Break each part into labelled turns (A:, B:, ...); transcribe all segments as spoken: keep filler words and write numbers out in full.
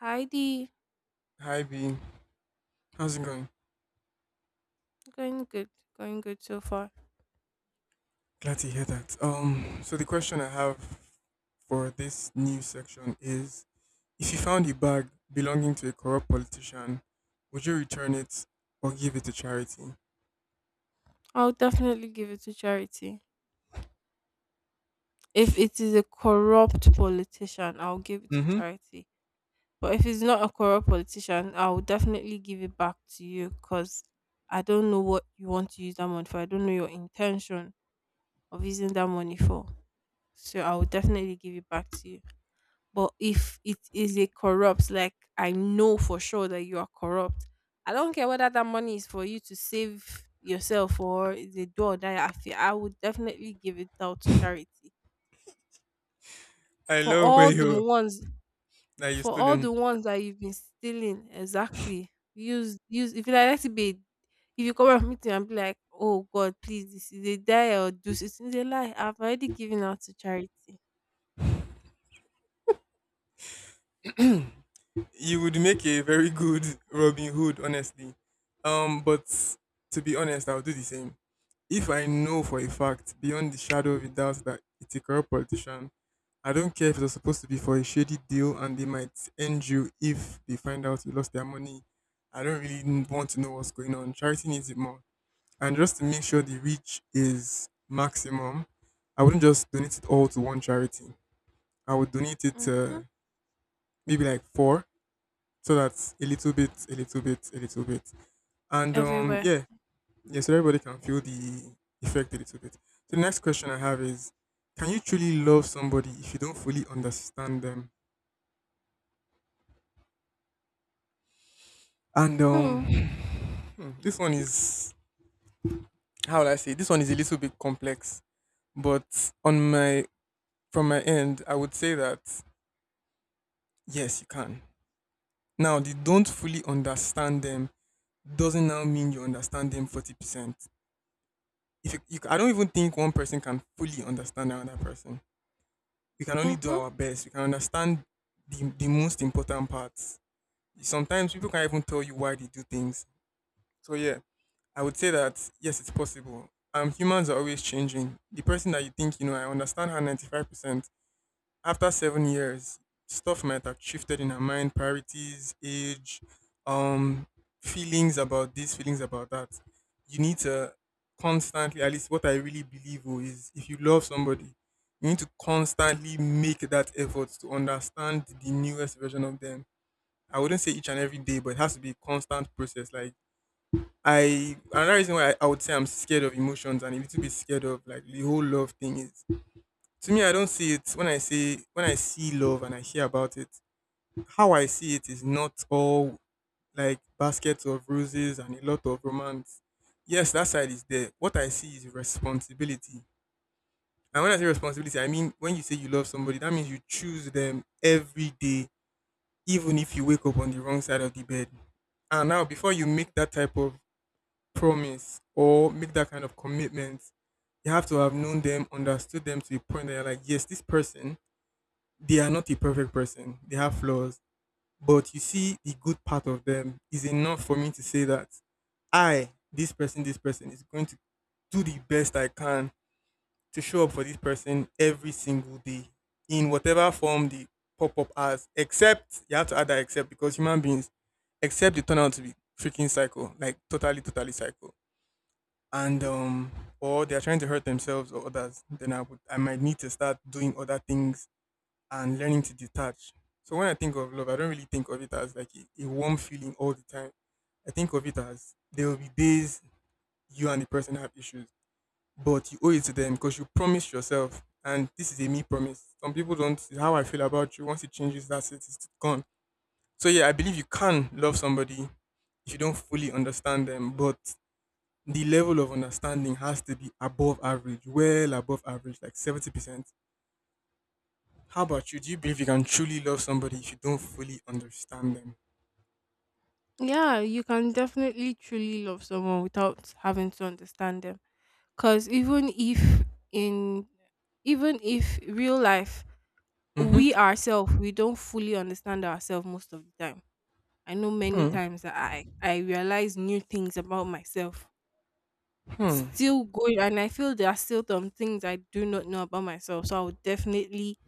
A: Heidi.
B: Hi Bean, how's it going?
A: Going good, going good so far.
B: Glad to hear that. Um, so the question I have for this new section is: if you found a bag belonging to a corrupt politician, would you return it or give it to charity?
A: I'll definitely give it to charity. If it is a corrupt politician, I'll give it to
B: Mm-hmm.
A: charity. But if it's not a corrupt politician, I'll definitely give it back to you because I don't know what you want to use that money for. I don't know your intention of using that money for. So I will definitely give it back to you. But if it is a corrupt, like I know for sure that you are corrupt, I don't care whether that money is for you to save yourself or is a door that I feel, I would definitely give it out to charity.
B: I
A: For
B: love where
A: all the mo-
B: you,
A: ones
B: that you
A: for all the
B: stolen.
A: ones that you've been stealing, exactly. Use use if you like, let it be. If you come up, meet me, and be like, "Oh God, please, this is a die or do, this is a lie. I've already given out to charity."
B: You would make a very good Robin Hood, honestly. Um, but to be honest, I'll do the same. If I know for a fact, beyond the shadow of a doubt, that it's a corrupt politician, I don't care if it was supposed to be for a shady deal and they might end you if they find out you lost their money. I don't really n- want to know what's going on. Charity needs it more. And just to make sure the reach is maximum, I wouldn't just donate it all to one charity. I would donate it
A: Mm-hmm.
B: to maybe like four, so that's a little bit, a little bit, a little bit. And um,
A: Everywhere.
B: yeah, yes, so everybody can feel the effect a little bit. So the next question I have is, can you truly love somebody if you don't fully understand them? And um,
A: Hmm.
B: hmm, this one is, how will I say? This one is a little bit complex, but on my from my end, I would say that yes, you can. Now, the don't fully understand them doesn't now mean you understand them forty percent. If you, you, I don't even think one person can fully understand another person. We can only do
A: Mm-hmm.
B: our best. We can understand the, the most important parts. Sometimes people can't even tell you why they do things. So yeah, I would say that yes, it's possible. Um, humans are always changing. The person that you think you know, I understand her ninety five percent after seven years, stuff might have shifted in her mind, priorities, age, um, feelings about this, feelings about that. You need to constantly, at least what I really believe oh, is if you love somebody, you need to constantly make that effort to understand the newest version of them. I wouldn't say each and every day, but it has to be a constant process. Like I another reason why I, I would say I'm scared of emotions and a little bit scared of like the whole love thing is to me I don't see it. When i see when i see love and I hear about it, how I see it is not all like baskets of roses and a lot of romance. Yes, that side is there. What I see is responsibility. And when I say responsibility, I mean when you say you love somebody, that means you choose them every day, even if you wake up on the wrong side of the bed. And now before you make that type of promise or make that kind of commitment, you have to have known them, understood them to the point that you're like, yes, this person, they are not a perfect person. They have flaws. But you see, the good part of them is enough for me to say that I, this person, this person, is going to do the best I can to show up for this person every single day in whatever form they pop up as. Except, you have to add that except because human beings, except they turn out to be freaking psycho, like totally, totally psycho. And, um, or they're trying to hurt themselves or others, then I would, I might need to start doing other things and learning to detach. So when I think of love, I don't really think of it as like a, a warm feeling all the time. I think of it as there will be days you and the person have issues, but you owe it to them because you promised yourself. And this is a me promise. Some people don't see how I feel about you. Once it changes, that's it. It's gone. So yeah, I believe you can love somebody if you don't fully understand them, but the level of understanding has to be above average, well above average, like seventy percent. How about you? Do you believe you can truly love somebody if you don't fully understand them?
A: Yeah, you can definitely truly love someone without having to understand them. Cause even if in, even if real life,
B: Hmm.
A: we ourselves, we don't fully understand ourselves most of the time. I know many
B: Hmm.
A: times that I I realize new things about myself,
B: Hmm.
A: still going, and I feel there are still some things I do not know about myself. So I would definitely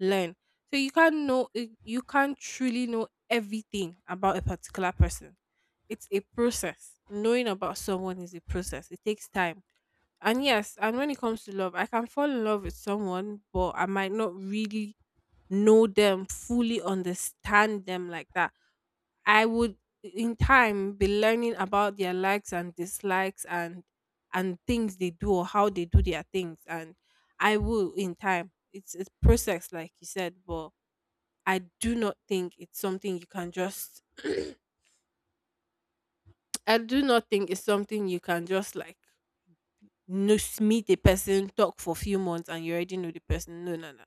A: learn. So you can't know eh, you can't truly know everything about a particular person. It's a process. Knowing about someone is a process. It takes time. And yes, and when it comes to love, I can fall in love with someone, but I might not really know them, fully understand them like that. I would in time be learning about their likes and dislikes and and things they do or how they do their things, and I will in time. It's it's process, like you said, but I do not think it's something you can just I do not think it's something you can just like know s- meet a person, talk for a few months, and you already know the person. No, no, no.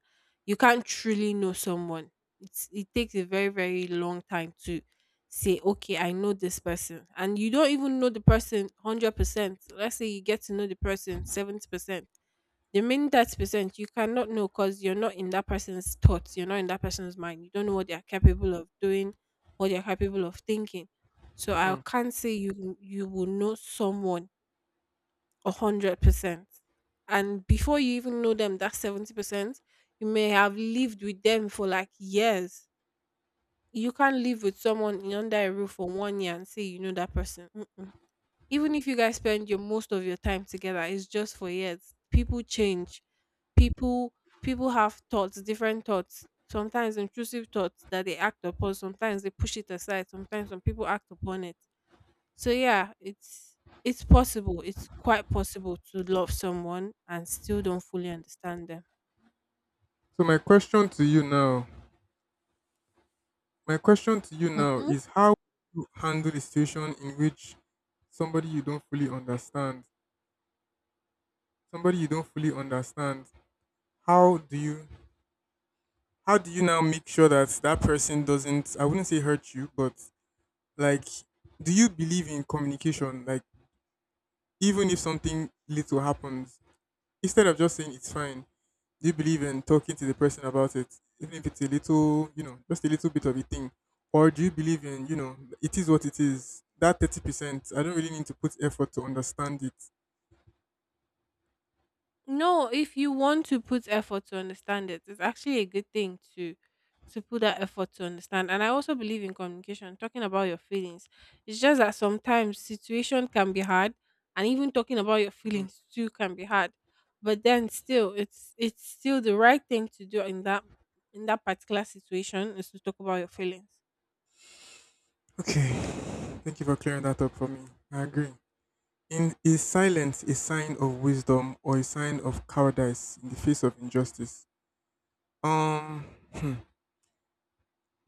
A: You can't truly know someone. It's, it takes a very, very long time to say, okay, I know this person. And you don't even know the person one hundred percent. Let's say you get to know the person seventy percent. The main thirty percent you cannot know because you're not in that person's thoughts, you're not in that person's mind. You don't know what they are capable of doing, what they're capable of thinking. So I
B: Hmm.
A: can't say you you will know someone a hundred percent. And before you even know them, that seventy percent, you may have lived with them for like years. You can't live with someone in under a roof for one year and say you know that person. Mm-mm. Even if you guys spend your most of your time together, it's just for years. People change. People people have thoughts, different thoughts. Sometimes intrusive thoughts that they act upon. Sometimes they push it aside. Sometimes some people act upon it. So yeah, it's it's possible. It's quite possible to love someone and still don't fully understand them.
B: So my question to you now, my question to you now
A: Hmm.
B: is, how you handle the situation in which somebody you don't fully understand, somebody you don't fully understand, how do you how do you now make sure that that person doesn't, I wouldn't say hurt you, but, like, do you believe in communication? Like, even if something little happens, instead of just saying it's fine, do you believe in talking to the person about it, even if it's a little, you know, just a little bit of a thing? Or do you believe in, you know, it is what it is? That thirty percent, I don't really need to put effort to understand it.
A: No, if you want to put effort to understand it, it's actually a good thing to to put that effort to understand. And I also believe in communication, talking about your feelings. It's just that sometimes situation can be hard, and even talking about your
B: Mm.
A: feelings too can be hard. But then still, it's it's still the right thing to do in that in that particular situation is to talk about your feelings.
B: Okay. Thank you for clearing that up for me. I agree. In, is silence a sign of wisdom or a sign of cowardice in the face of injustice? Um, hmm.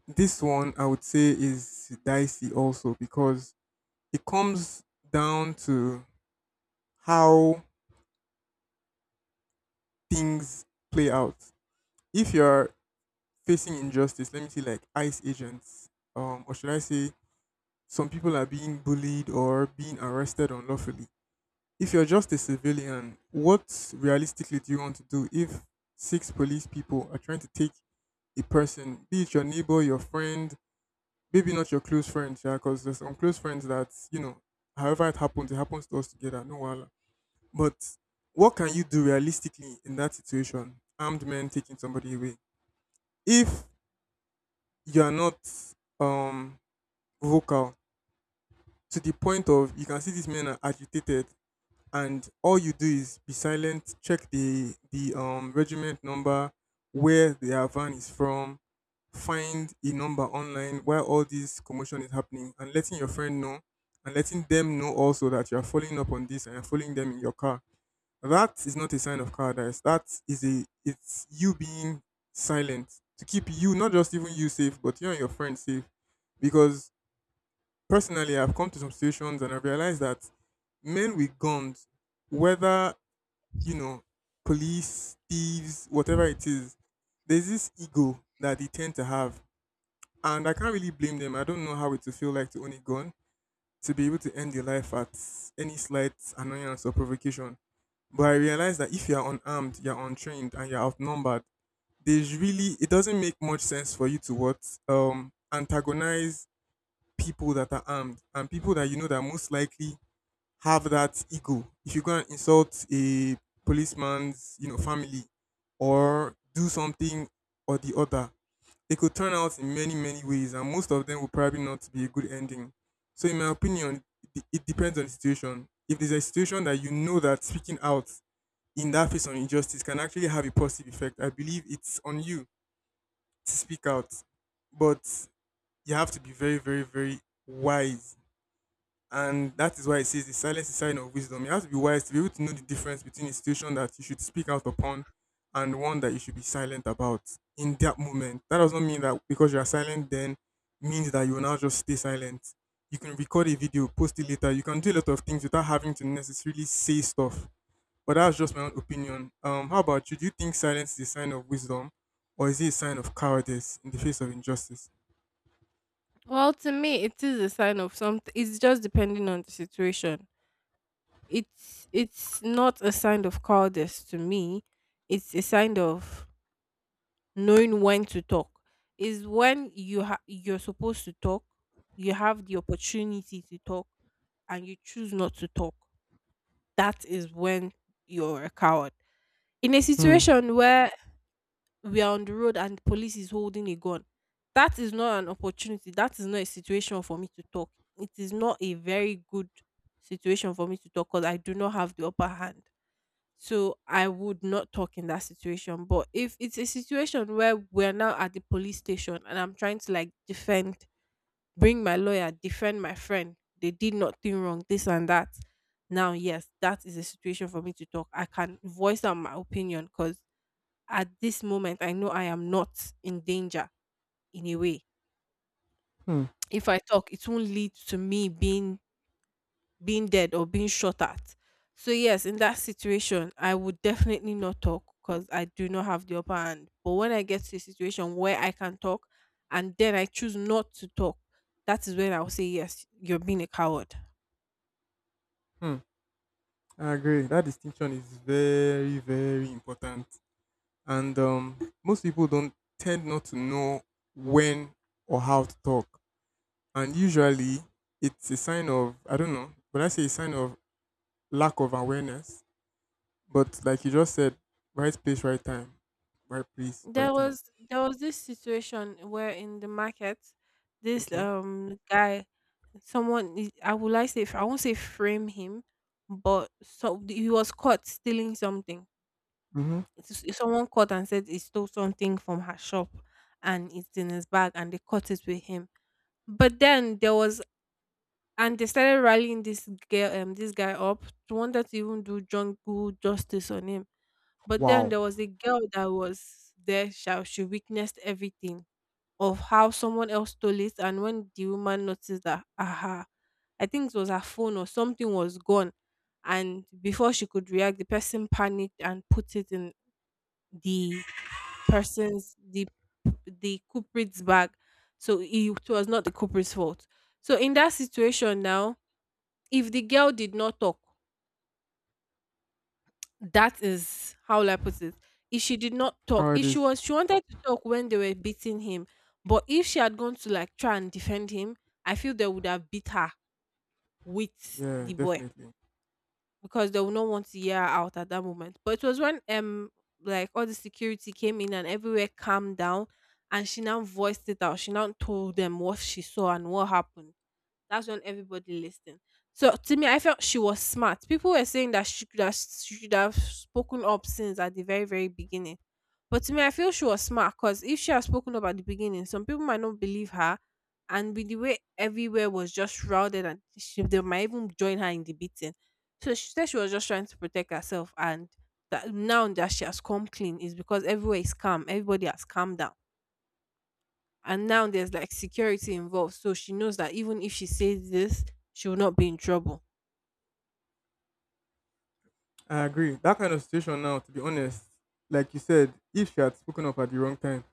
B: This one I would say is dicey also because it comes down to how things play out. If you're facing injustice, let me say like ICE agents, um, or should I say some people are being bullied or being arrested unlawfully. If you're just a civilian, what realistically do you want to do if six police people are trying to take a person, be it your neighbor, your friend, maybe not your close friend, yeah, because there's some close friends that, you know, however it happens, it happens to us together, no wala. But what can you do realistically in that situation? Armed men taking somebody away. If you are not um vocal to the point of you can see these men are agitated and all you do is be silent, check the the um regiment number, where their van is from, find a number online where all this commotion is happening and letting your friend know and letting them know also that you are following up on this and you're following them in your car. That is not a sign of cowardice. That is a it's you being silent to keep you, not just even you safe, but you and your friends safe. Because personally, I've come to some situations and I've realized that men with guns, whether you know, police, thieves, whatever it is, there's this ego that they tend to have, and I can't really blame them. I don't know how it will feel like to own a gun, to be able to end your life at any slight annoyance or provocation. But I realized that if you're unarmed, you're untrained, and you're outnumbered, there's really it doesn't make much sense for you to what um antagonize people that are armed and people that you know that most likely have that ego. If you go and insult a policeman's you know family or do something or the other, it could turn out in many many ways, and most of them will probably not be a good ending. So in my opinion, it it depends on the situation. If there's a situation that you know that speaking out in that face of injustice can actually have a positive effect, I believe it's on you to speak out, but you have to be very, very, very wise. And that is why it says the silence is a sign of wisdom. You have to be wise to be able to know the difference between a situation that you should speak out upon and one that you should be silent about in that moment. That does not mean that because you are silent then means that you will now just stay silent. You can record a video, post it later. You can do a lot of things without having to necessarily say stuff, but that's just my own opinion. Um, how about you? Do you think silence is a sign of wisdom, or is it a sign of cowardice in the face of injustice?
A: Well, to me, it is a sign of something. It's just depending on the situation. It's it's not a sign of cowardice to me. It's a sign of knowing when to talk. Is when you ha- you're supposed to talk, you have the opportunity to talk, and you choose not to talk. That is when you're a coward. In a
B: Hmm.
A: situation where we are on the road and police is holding a gun. That is not an opportunity. That is not a situation for me to talk. It is not a very good situation for me to talk because I do not have the upper hand. So I would not talk in that situation. But if it's a situation where we're now at the police station and I'm trying to like defend, bring my lawyer, defend my friend, they did nothing wrong, this and that. Now, yes, that is a situation for me to talk. I can voice out my opinion because at this moment I know I am not in danger in a way.
B: Hmm.
A: If I talk, it won't lead to me being being dead or being shot at. So yes, in that situation, I would definitely not talk because I do not have the upper hand. But when I get to a situation where I can talk and then I choose not to talk, that is when I'll say yes, you're being a coward.
B: Hmm. I agree. That distinction is very, very important, and um, most people don't tend not to know when or how to talk, and usually it's a sign of I don't know. When I say a sign of lack of awareness, but like you just said, right place, right time, right place, right
A: There
B: time.
A: was there was this situation where in the market, this
B: Okay.
A: um guy, someone, i I would like say, f- i won't say frame him, but so he was caught stealing something.
B: Mm-hmm.
A: It's- someone caught and said he stole something from her shop, and it's in his bag, and they caught it with him. But then there was and they started rallying this girl, um this guy up. They wanted to even do jungle justice on him, but then
B: Wow.
A: there was a girl that was there. Shall she witnessed everything of how someone else stole it. And when the woman noticed that, aha, I think it was her phone or something was gone, and before she could react, the person panicked and put it in the person's the the culprit's bag. So it was not the culprit's fault. So in that situation now, if the girl did not talk... That is, how will I put it? If she did not talk, if she
B: Cowardice.
A: was she wanted to talk when they were beating him, but if she had gone to like try and defend him, I feel they would have beat her with
B: Yeah,
A: the boy
B: definitely.
A: because they would not want to hear her out at that moment. But it was when um like all the security came in and everywhere calmed down, and she now voiced it out. She now told them what she saw and what happened. That's when everybody listened. So to me, I felt she was smart. People were saying that she could have, she should have spoken up since at the very, very beginning. But to me, I feel she was smart because if she had spoken up at the beginning, some people might not believe her. And with the way everywhere was just shrouded, and she, they might even join her in the beating. So she said she was just trying to protect herself. And that now that she has come clean is because everywhere is calm, everybody has calmed down, and now there's like security involved, so she knows that even if she says this, she will not be in trouble.
B: I agree. That kind of situation now, to be honest, like you said, if you had spoken up at the wrong time,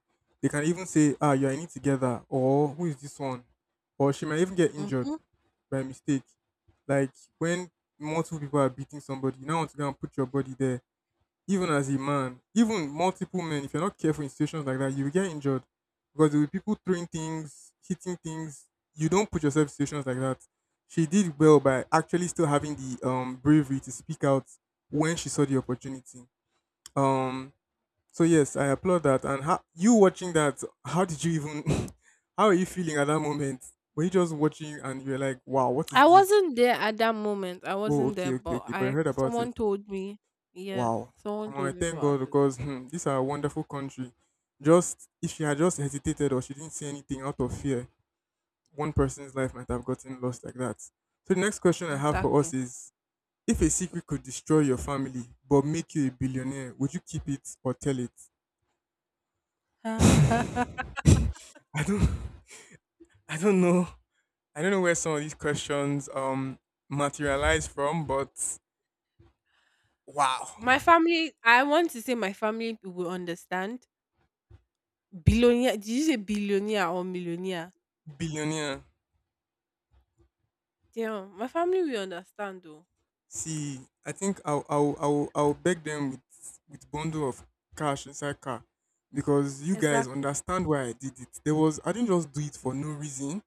B: they can even say, ah, you're in it together, or who is this one? Or she might even get injured
A: hmm
B: by mistake. Like when multiple people are beating somebody, you now want to go and put your body there. Even as a man, even multiple men, if you're not careful in situations like that, you will get injured because there will be people throwing things, hitting things. You don't put yourself in situations like that. She did well by actually still having the um bravery to speak out when she saw the opportunity. Um, so yes, I applaud that. And how you watching that? How did you even? How are you feeling at that moment? Were you just watching and you were like, "Wow, what is
A: i
B: this?"
A: wasn't there at that moment. I
B: Oh,
A: wasn't there,
B: okay, okay,
A: but
B: okay. But you
A: I
B: heard about it.
A: someone told me. Yes,
B: Wow.
A: someone
B: Omo, I
A: told me
B: thank
A: about
B: God
A: it.
B: because hmm, this is a wonderful country. Just if she had just hesitated or she didn't say anything out of fear, one person's life might have gotten lost like that. So the next question I have for us
A: Exactly.
B: is, if a secret could destroy your family but make you a billionaire, would you keep it or tell it? I don't— I don't know. I don't know where some of these questions um materialize from, but wow.
A: My family, I want to say my family will understand. Billionaire. Did you say billionaire or millionaire?
B: Billionaire.
A: Damn, my family will understand though.
B: See, I think I'll I'll I'll, I'll beg them with with bundle of cash inside car because you guys
A: Exactly.
B: understand why I did it. There was— I didn't just do it for no reason.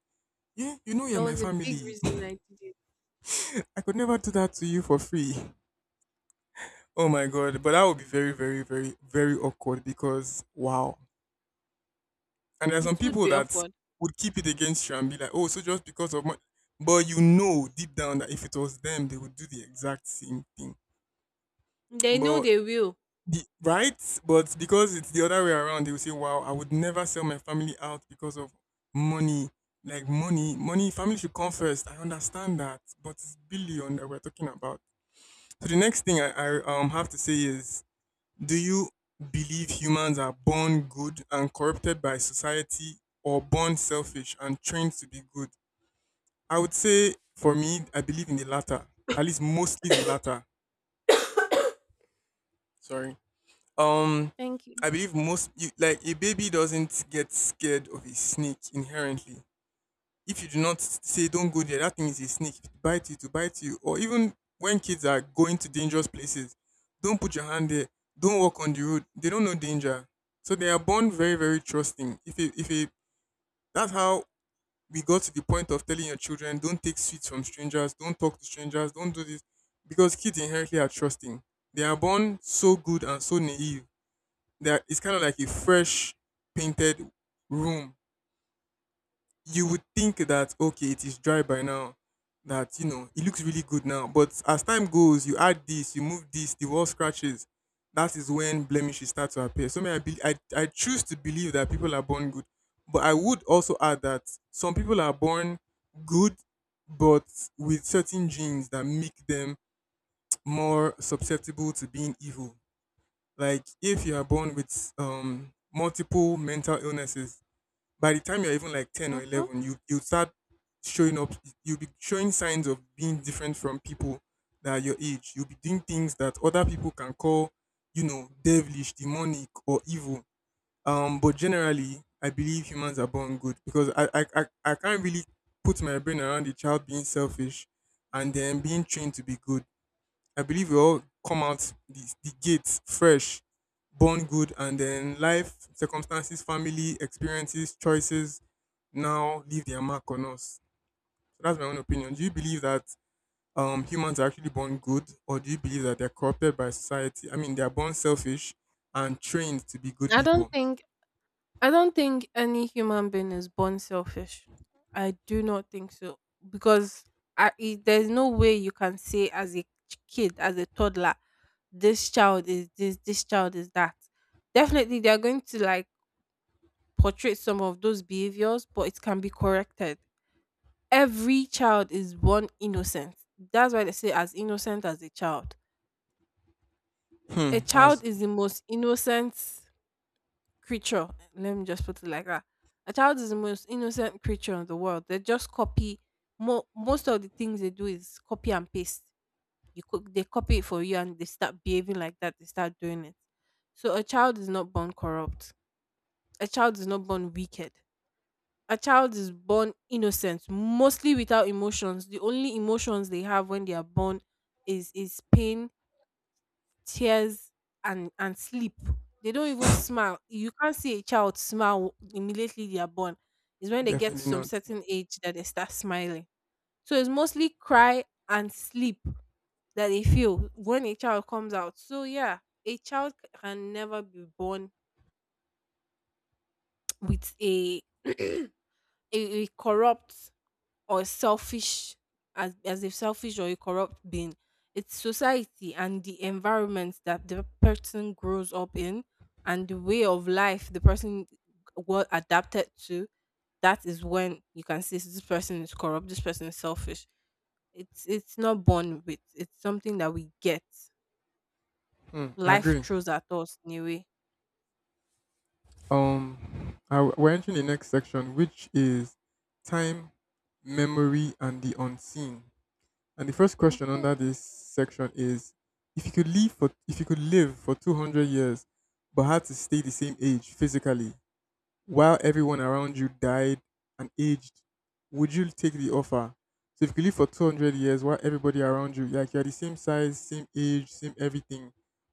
B: Yeah, you know you're
A: There
B: my
A: was a big
B: family.
A: reason I did it.
B: I could never do that to you for free. Oh my god, but that would be very very very very awkward because wow. And there are some
A: It would
B: people
A: be
B: that
A: awkward.
B: would keep it against you and be like, "Oh, so just because of my—" but you know deep down that if it was them, they would do the exact same thing.
A: They know
B: But—
A: they will.
B: The- right? But because it's the other way around, they will say, "Wow, I would never sell my family out because of money." Like money, money, family should come first. I understand that, but it's billion that we're talking about. So the next thing I, I um have to say is, do you believe humans are born good and corrupted by society, or born selfish and trained to be good? I would say, for me, I believe in the latter. At least mostly the latter. Sorry. Um,
A: Thank you.
B: I believe most you, like a baby doesn't get scared of a snake inherently. If you do not say don't go there, that thing is a snake. If it bite you, to bite you. Or even when kids are going to dangerous places, don't put your hand there. Don't walk on the road. They don't know danger, so they are born very very trusting. If a, if a, that's how we got to the point of telling your children don't take sweets from strangers, don't talk to strangers, don't do this, because kids inherently are trusting. They are born so good and so naive. There it's kind of like a fresh painted room. You would think that okay, it is dry by now. That you know it looks really good now. But as time goes, you add this, you move this, the wall scratches. That is when blemishes start to appear. So may I, be, I I choose to believe that people are born good, but I would also add that some people are born good, but with certain genes that make them more susceptible to being evil. Like if you are born with um multiple mental illnesses, by the time you're even like ten or
A: Hmm.
B: eleven, you you start showing up. You'll be showing signs of being different from people that are your age. You'll be doing things that other people can call, you know, devilish, demonic, or evil. Um, but generally, I believe humans are born good because I I I, I can't really put my brain around a child being selfish and then being trained to be good. I believe we all come out the, the gates fresh, born good, and then life, circumstances, family, experiences, choices now leave their mark on us. So that's my own opinion. Do you believe that um, humans are actually born good, or do you believe that they're corrupted by society? I mean, they're born selfish and trained to be good
A: I don't
B: people.
A: think I don't think any human being is born selfish. I do not think so because I, it, there's no way you can say as a ch- kid, as a toddler, this child is this, this child is that. Definitely, they are going to like portray some of those behaviors, but it can be corrected. Every child is born innocent. That's why they say as innocent as a child. A
B: Hmm, that's
A: child is the most innocent creature. Let me just put it like that. A child is the most innocent creature in the world. They just copy mo- most of the things they do is copy and paste. You co- they copy it for you and they start behaving like that. They start doing it. So a child is not born corrupt. A child is not born wicked. A child is born innocent, mostly without emotions. The only emotions they have when they are born is is pain, tears, and and sleep. They don't even smile. You can't see a child smile immediately they are born. It's when they get to
B: definitely
A: some
B: not.
A: certain age that they start smiling. So it's mostly cry and sleep that they feel when a child comes out. So yeah, a child can never be born with a a, a corrupt or selfish, as as a selfish or a corrupt being. It's society and the environment that the person grows up in and the way of life the person was adapted to. That is when you can see this person is corrupt, this person is selfish. It's it's not born with. It's something that we get.
B: Hmm, I
A: Life
B: agree.
A: throws at us in a way.
B: Um, I, we're entering the next section, which is time, memory, and the unseen. And the first question under
A: hmm
B: this section is, if you could live for if you could live for two hundred years but had to stay the same age physically while everyone around you died and aged, would you take the offer? So if you could live for two hundred years while everybody around you like you're the same size, same age, same everything,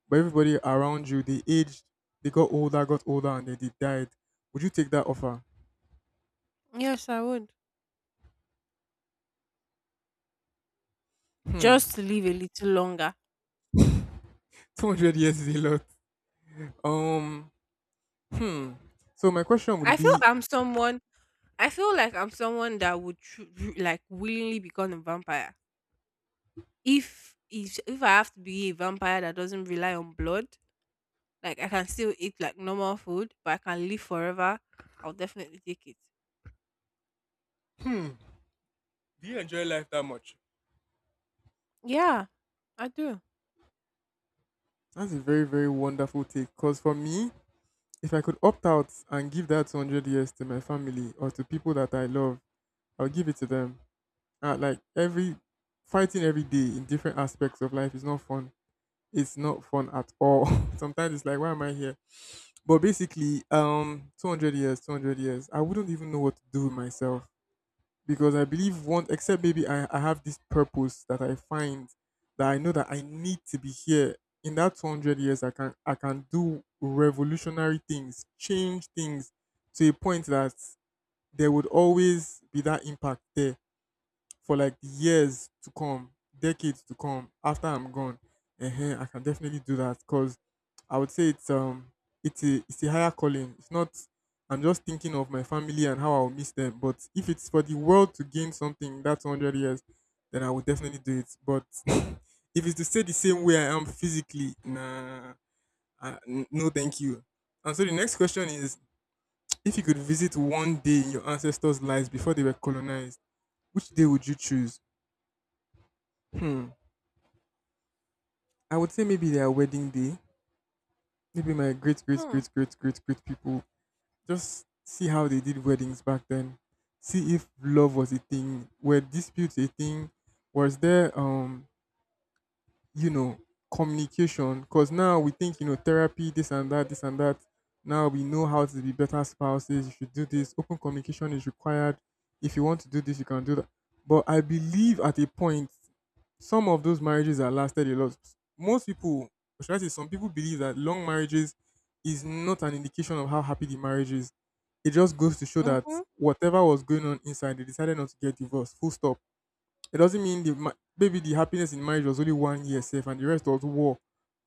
B: but everybody around you they aged, they got older, got older and then they died. Would you take that offer?
A: Yes, I would,
B: Hmm.
A: just to live a little longer.
B: two hundred years is a lot. Um hmm. So my question would
A: I feel
B: be—
A: I'm someone I feel like I'm someone that would tru- ru- like willingly become a vampire. If if if I have to be a vampire that doesn't rely on blood, like I can still eat like normal food, but I can live forever, I'll definitely take it.
B: Hmm. Do you enjoy life that much?
A: Yeah, I do.
B: That's a very, very wonderful take. Because for me, if I could opt out and give that two hundred years to my family or to people that I love, I'll give it to them. Uh, like every— fighting every day in different aspects of life is not fun. It's not fun at all. Sometimes it's like, why am I here? But basically, um, two hundred years, two hundred years, I wouldn't even know what to do with myself. Because I believe one, except maybe I, I have this purpose that I find, that I know that I need to be here in that two hundred years. I can I can do revolutionary things, change things to a point that there would always be that impact there for like years to come, decades to come after I'm gone. uh I can definitely do that because I would say it's um it's a it's a higher calling. It's not— I'm just thinking of my family and how I'll miss them. But if it's for the world to gain something in that one hundred years, then I would definitely do it. But if it's to stay the same way I am physically, nah, I, n- no, thank you. And so the next question is: If you could visit one day in your ancestors' lives before they were colonized, which day would you choose? Hmm. I would say maybe their wedding day. Maybe my great great
A: Hmm.
B: great great great great people, just see how they did weddings back then. See if love was a thing. Were disputes a thing? Was there um you know, communication. Because now we think, you know, therapy, this and that, this and that. Now we know how to be better spouses. You should do this. Open communication is required. If you want to do this, you can do that. But I believe at a point, some of those marriages that lasted a lot. Most people, or should I say, some people believe that long marriages is not an indication of how happy the marriage is. It just goes to show that
A: Mhm.
B: whatever was going on inside, they decided not to get divorced. Full stop. It doesn't mean the— ma- maybe the happiness in marriage was only one year safe and the rest was war.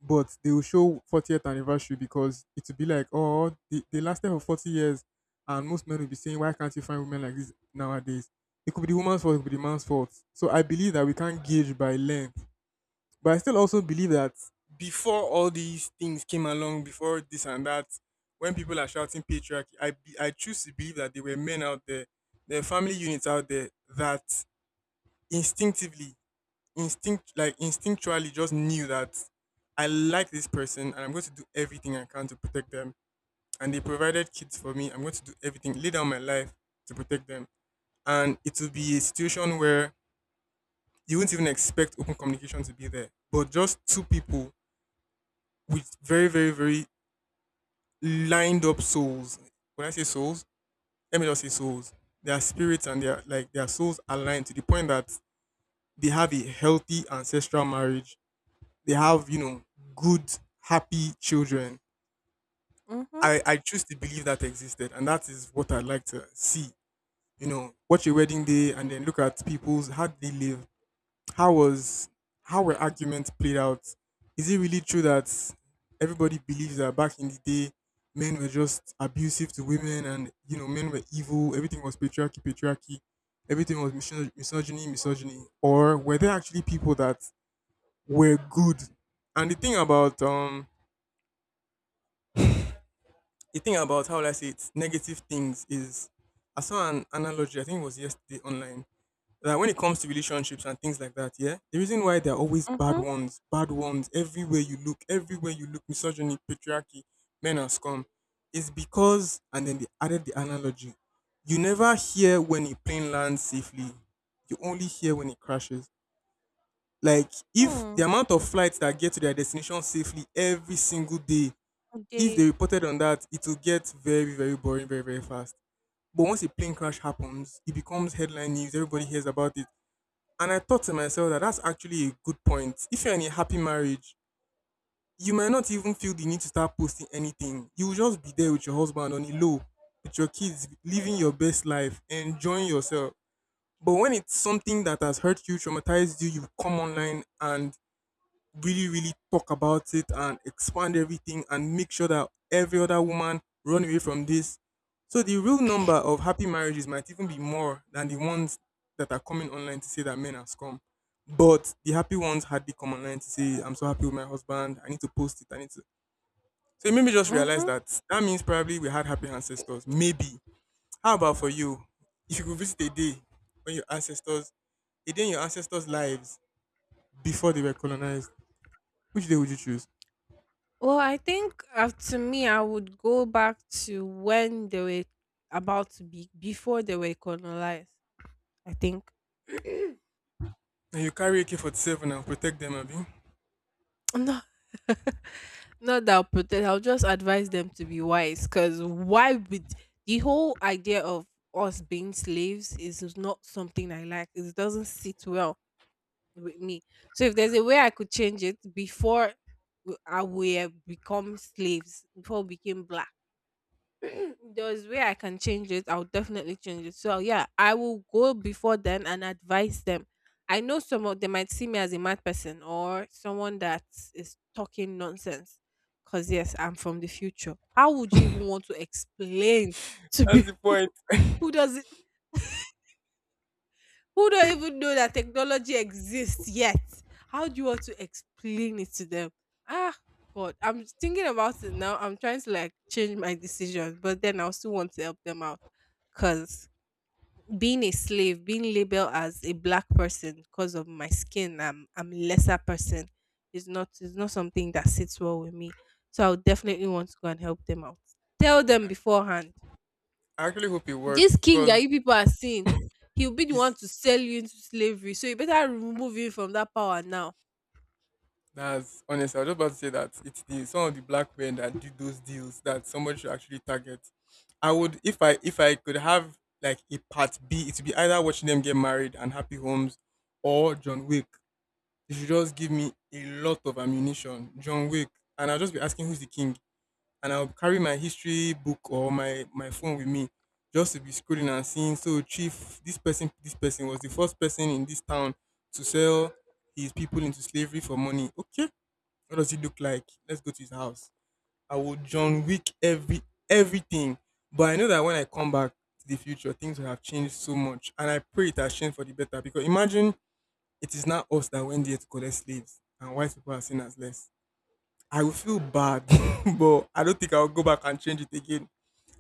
B: But they will show fortieth anniversary because it will be like, oh, they, they lasted for forty years. And most men will be saying, why can't you find women like this nowadays? It could be the woman's fault, it could be the man's fault. So I believe that we can't gauge by length. But I still also believe that before all these things came along, before this and that, when people are shouting patriarchy, I, be- I choose to believe that there were men out there, there are family units out there that instinctively— instinct like instinctually just knew that I like this person and I'm going to do everything I can to protect them. And they provided kids for me. I'm going to do everything, lay down my life to protect them. And it will be a situation where you wouldn't even expect open communication to be there. But just two people with very, very, very lined up souls. When I say souls, let me just say souls. Their spirits and their like their souls aligned to the point that they have a healthy ancestral marriage, they have you know good, happy children.
A: Mhm.
B: I i choose to believe that existed, and that is what I'd like to see. You know, watch a wedding day and then look at people's, how did they live, how was, how were arguments played out? Is it really true that everybody believes that back in the day men were just abusive to women, and you know, men were evil, everything was patriarchy, patriarchy, everything was misogy- misogyny, misogyny? Or were there actually people that were good? And the thing about um the thing about how will I say it, negative things is, I saw an analogy, I think it was yesterday online, that when it comes to relationships and things like that, yeah, the reason why there are always bad
A: Mhm.
B: ones, bad ones, everywhere you look, everywhere you look, misogyny, patriarchy, men are scum, is because, and then they added the analogy, you never hear when a plane lands safely, you only hear when it crashes. Like, if the
A: Hmm.
B: amount of flights that get to their destination safely every single day, if they
A: Okay.
B: reported on that, it will get very, very boring very, very fast. But once a plane crash happens, it becomes headline news. Everybody hears about it. And I thought to myself that that's actually a good point. If you're in a happy marriage, you might not even feel the need to start posting anything. You will just be there with your husband on a low, with your kids, living your best life, enjoying yourself. But when it's something that has hurt you, traumatized you, you come online and really, really talk about it and expand everything and make sure that every other woman run away from this. So the real number of happy marriages might even be more than the ones that are coming online to say that men are scum. But the happy ones hardly come online to say, I'm so happy with my husband, I need to post it, I need to, so it made me just realize
A: Mhm.
B: that that means probably we had happy ancestors. Maybe. How about for you? If you could visit a day when your ancestors, a day in your ancestors' lives before they were colonized, which day would you choose?
A: Well, I think uh, to me, I would go back to when they were about to be before they were colonized. I think
B: Now you carry A K forty-seven and protect them, Abby.
A: no. Not that I'll protect, I'll just advise them to be wise because why would the whole idea of us being slaves is not something I like. It doesn't sit well with me. So if there's a way I could change it before w- I we have become slaves, before we became black, there's way I can change it, I'll definitely change it. So yeah, I will go before then and advise them. I know some of them might see me as a mad person or someone that is talking nonsense. Cause yes, I'm from the future. How would you even want to explain to
B: That's the
A: people
B: point.
A: who doesn't who don't even know that technology exists yet. How do you want to explain it to them? Ah, God, I'm thinking about it now. I'm trying to like change my decision, but then I still want to help them out because being a slave, being labeled as a black person because of my skin, I'm I'm a lesser person. Is not is not something that sits well with me. So I would definitely want to go and help them out. Tell them beforehand.
B: I actually hope it
A: This
B: works
A: king that
B: because
A: you people are seeing, he'll be the one
B: it's,
A: to sell you into slavery. So you better remove him from that power now.
B: that's honest. I was just about to say that it's the, some of the black men that did those deals that somebody should actually target. I would, if I if I could have like a part B, it would be either watching them get married and happy homes or John Wick. If you should just give me a lot of ammunition, John Wick, and I'll just be asking who's the king. And I'll carry my history book or my my phone with me just to be scrolling and seeing. So chief, this person, this person was the first person in this town to sell his people into slavery for money. Okay, what does he look like? Let's go to his house. I would John Wick every, everything, but I know that when I come back to the future, things will have changed so much, and I pray it has changed for the better. Because imagine it is not us that went there to collect slaves, and white people are seen as less, I will feel bad, but I don't think I'll go back and change it again.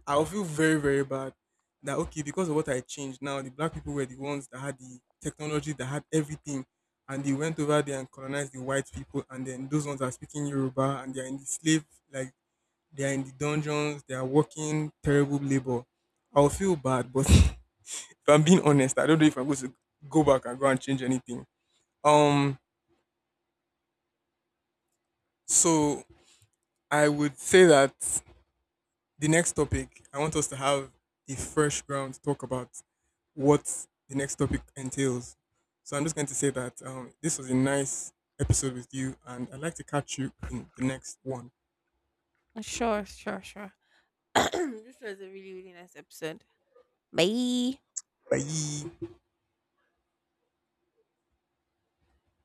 B: I will feel very, very bad that okay, because of what I changed now, the black people were the ones that had the technology, that had everything, and they went over there and colonized the white people, and then those ones are speaking Yoruba and they are in the slave, like they are in the dungeons, they are working terrible labor. I will feel bad, but if I'm being honest, I don't know if I'm going to go back and go and change anything. Um, so I would say that the next topic, I want us to have a fresh ground to talk about what the next topic entails. So I'm just going to say that um, this was a nice episode with you, and I'd like to catch you in the next one.
A: Sure, sure, sure. This was a really, really nice episode. Bye.
B: Bye.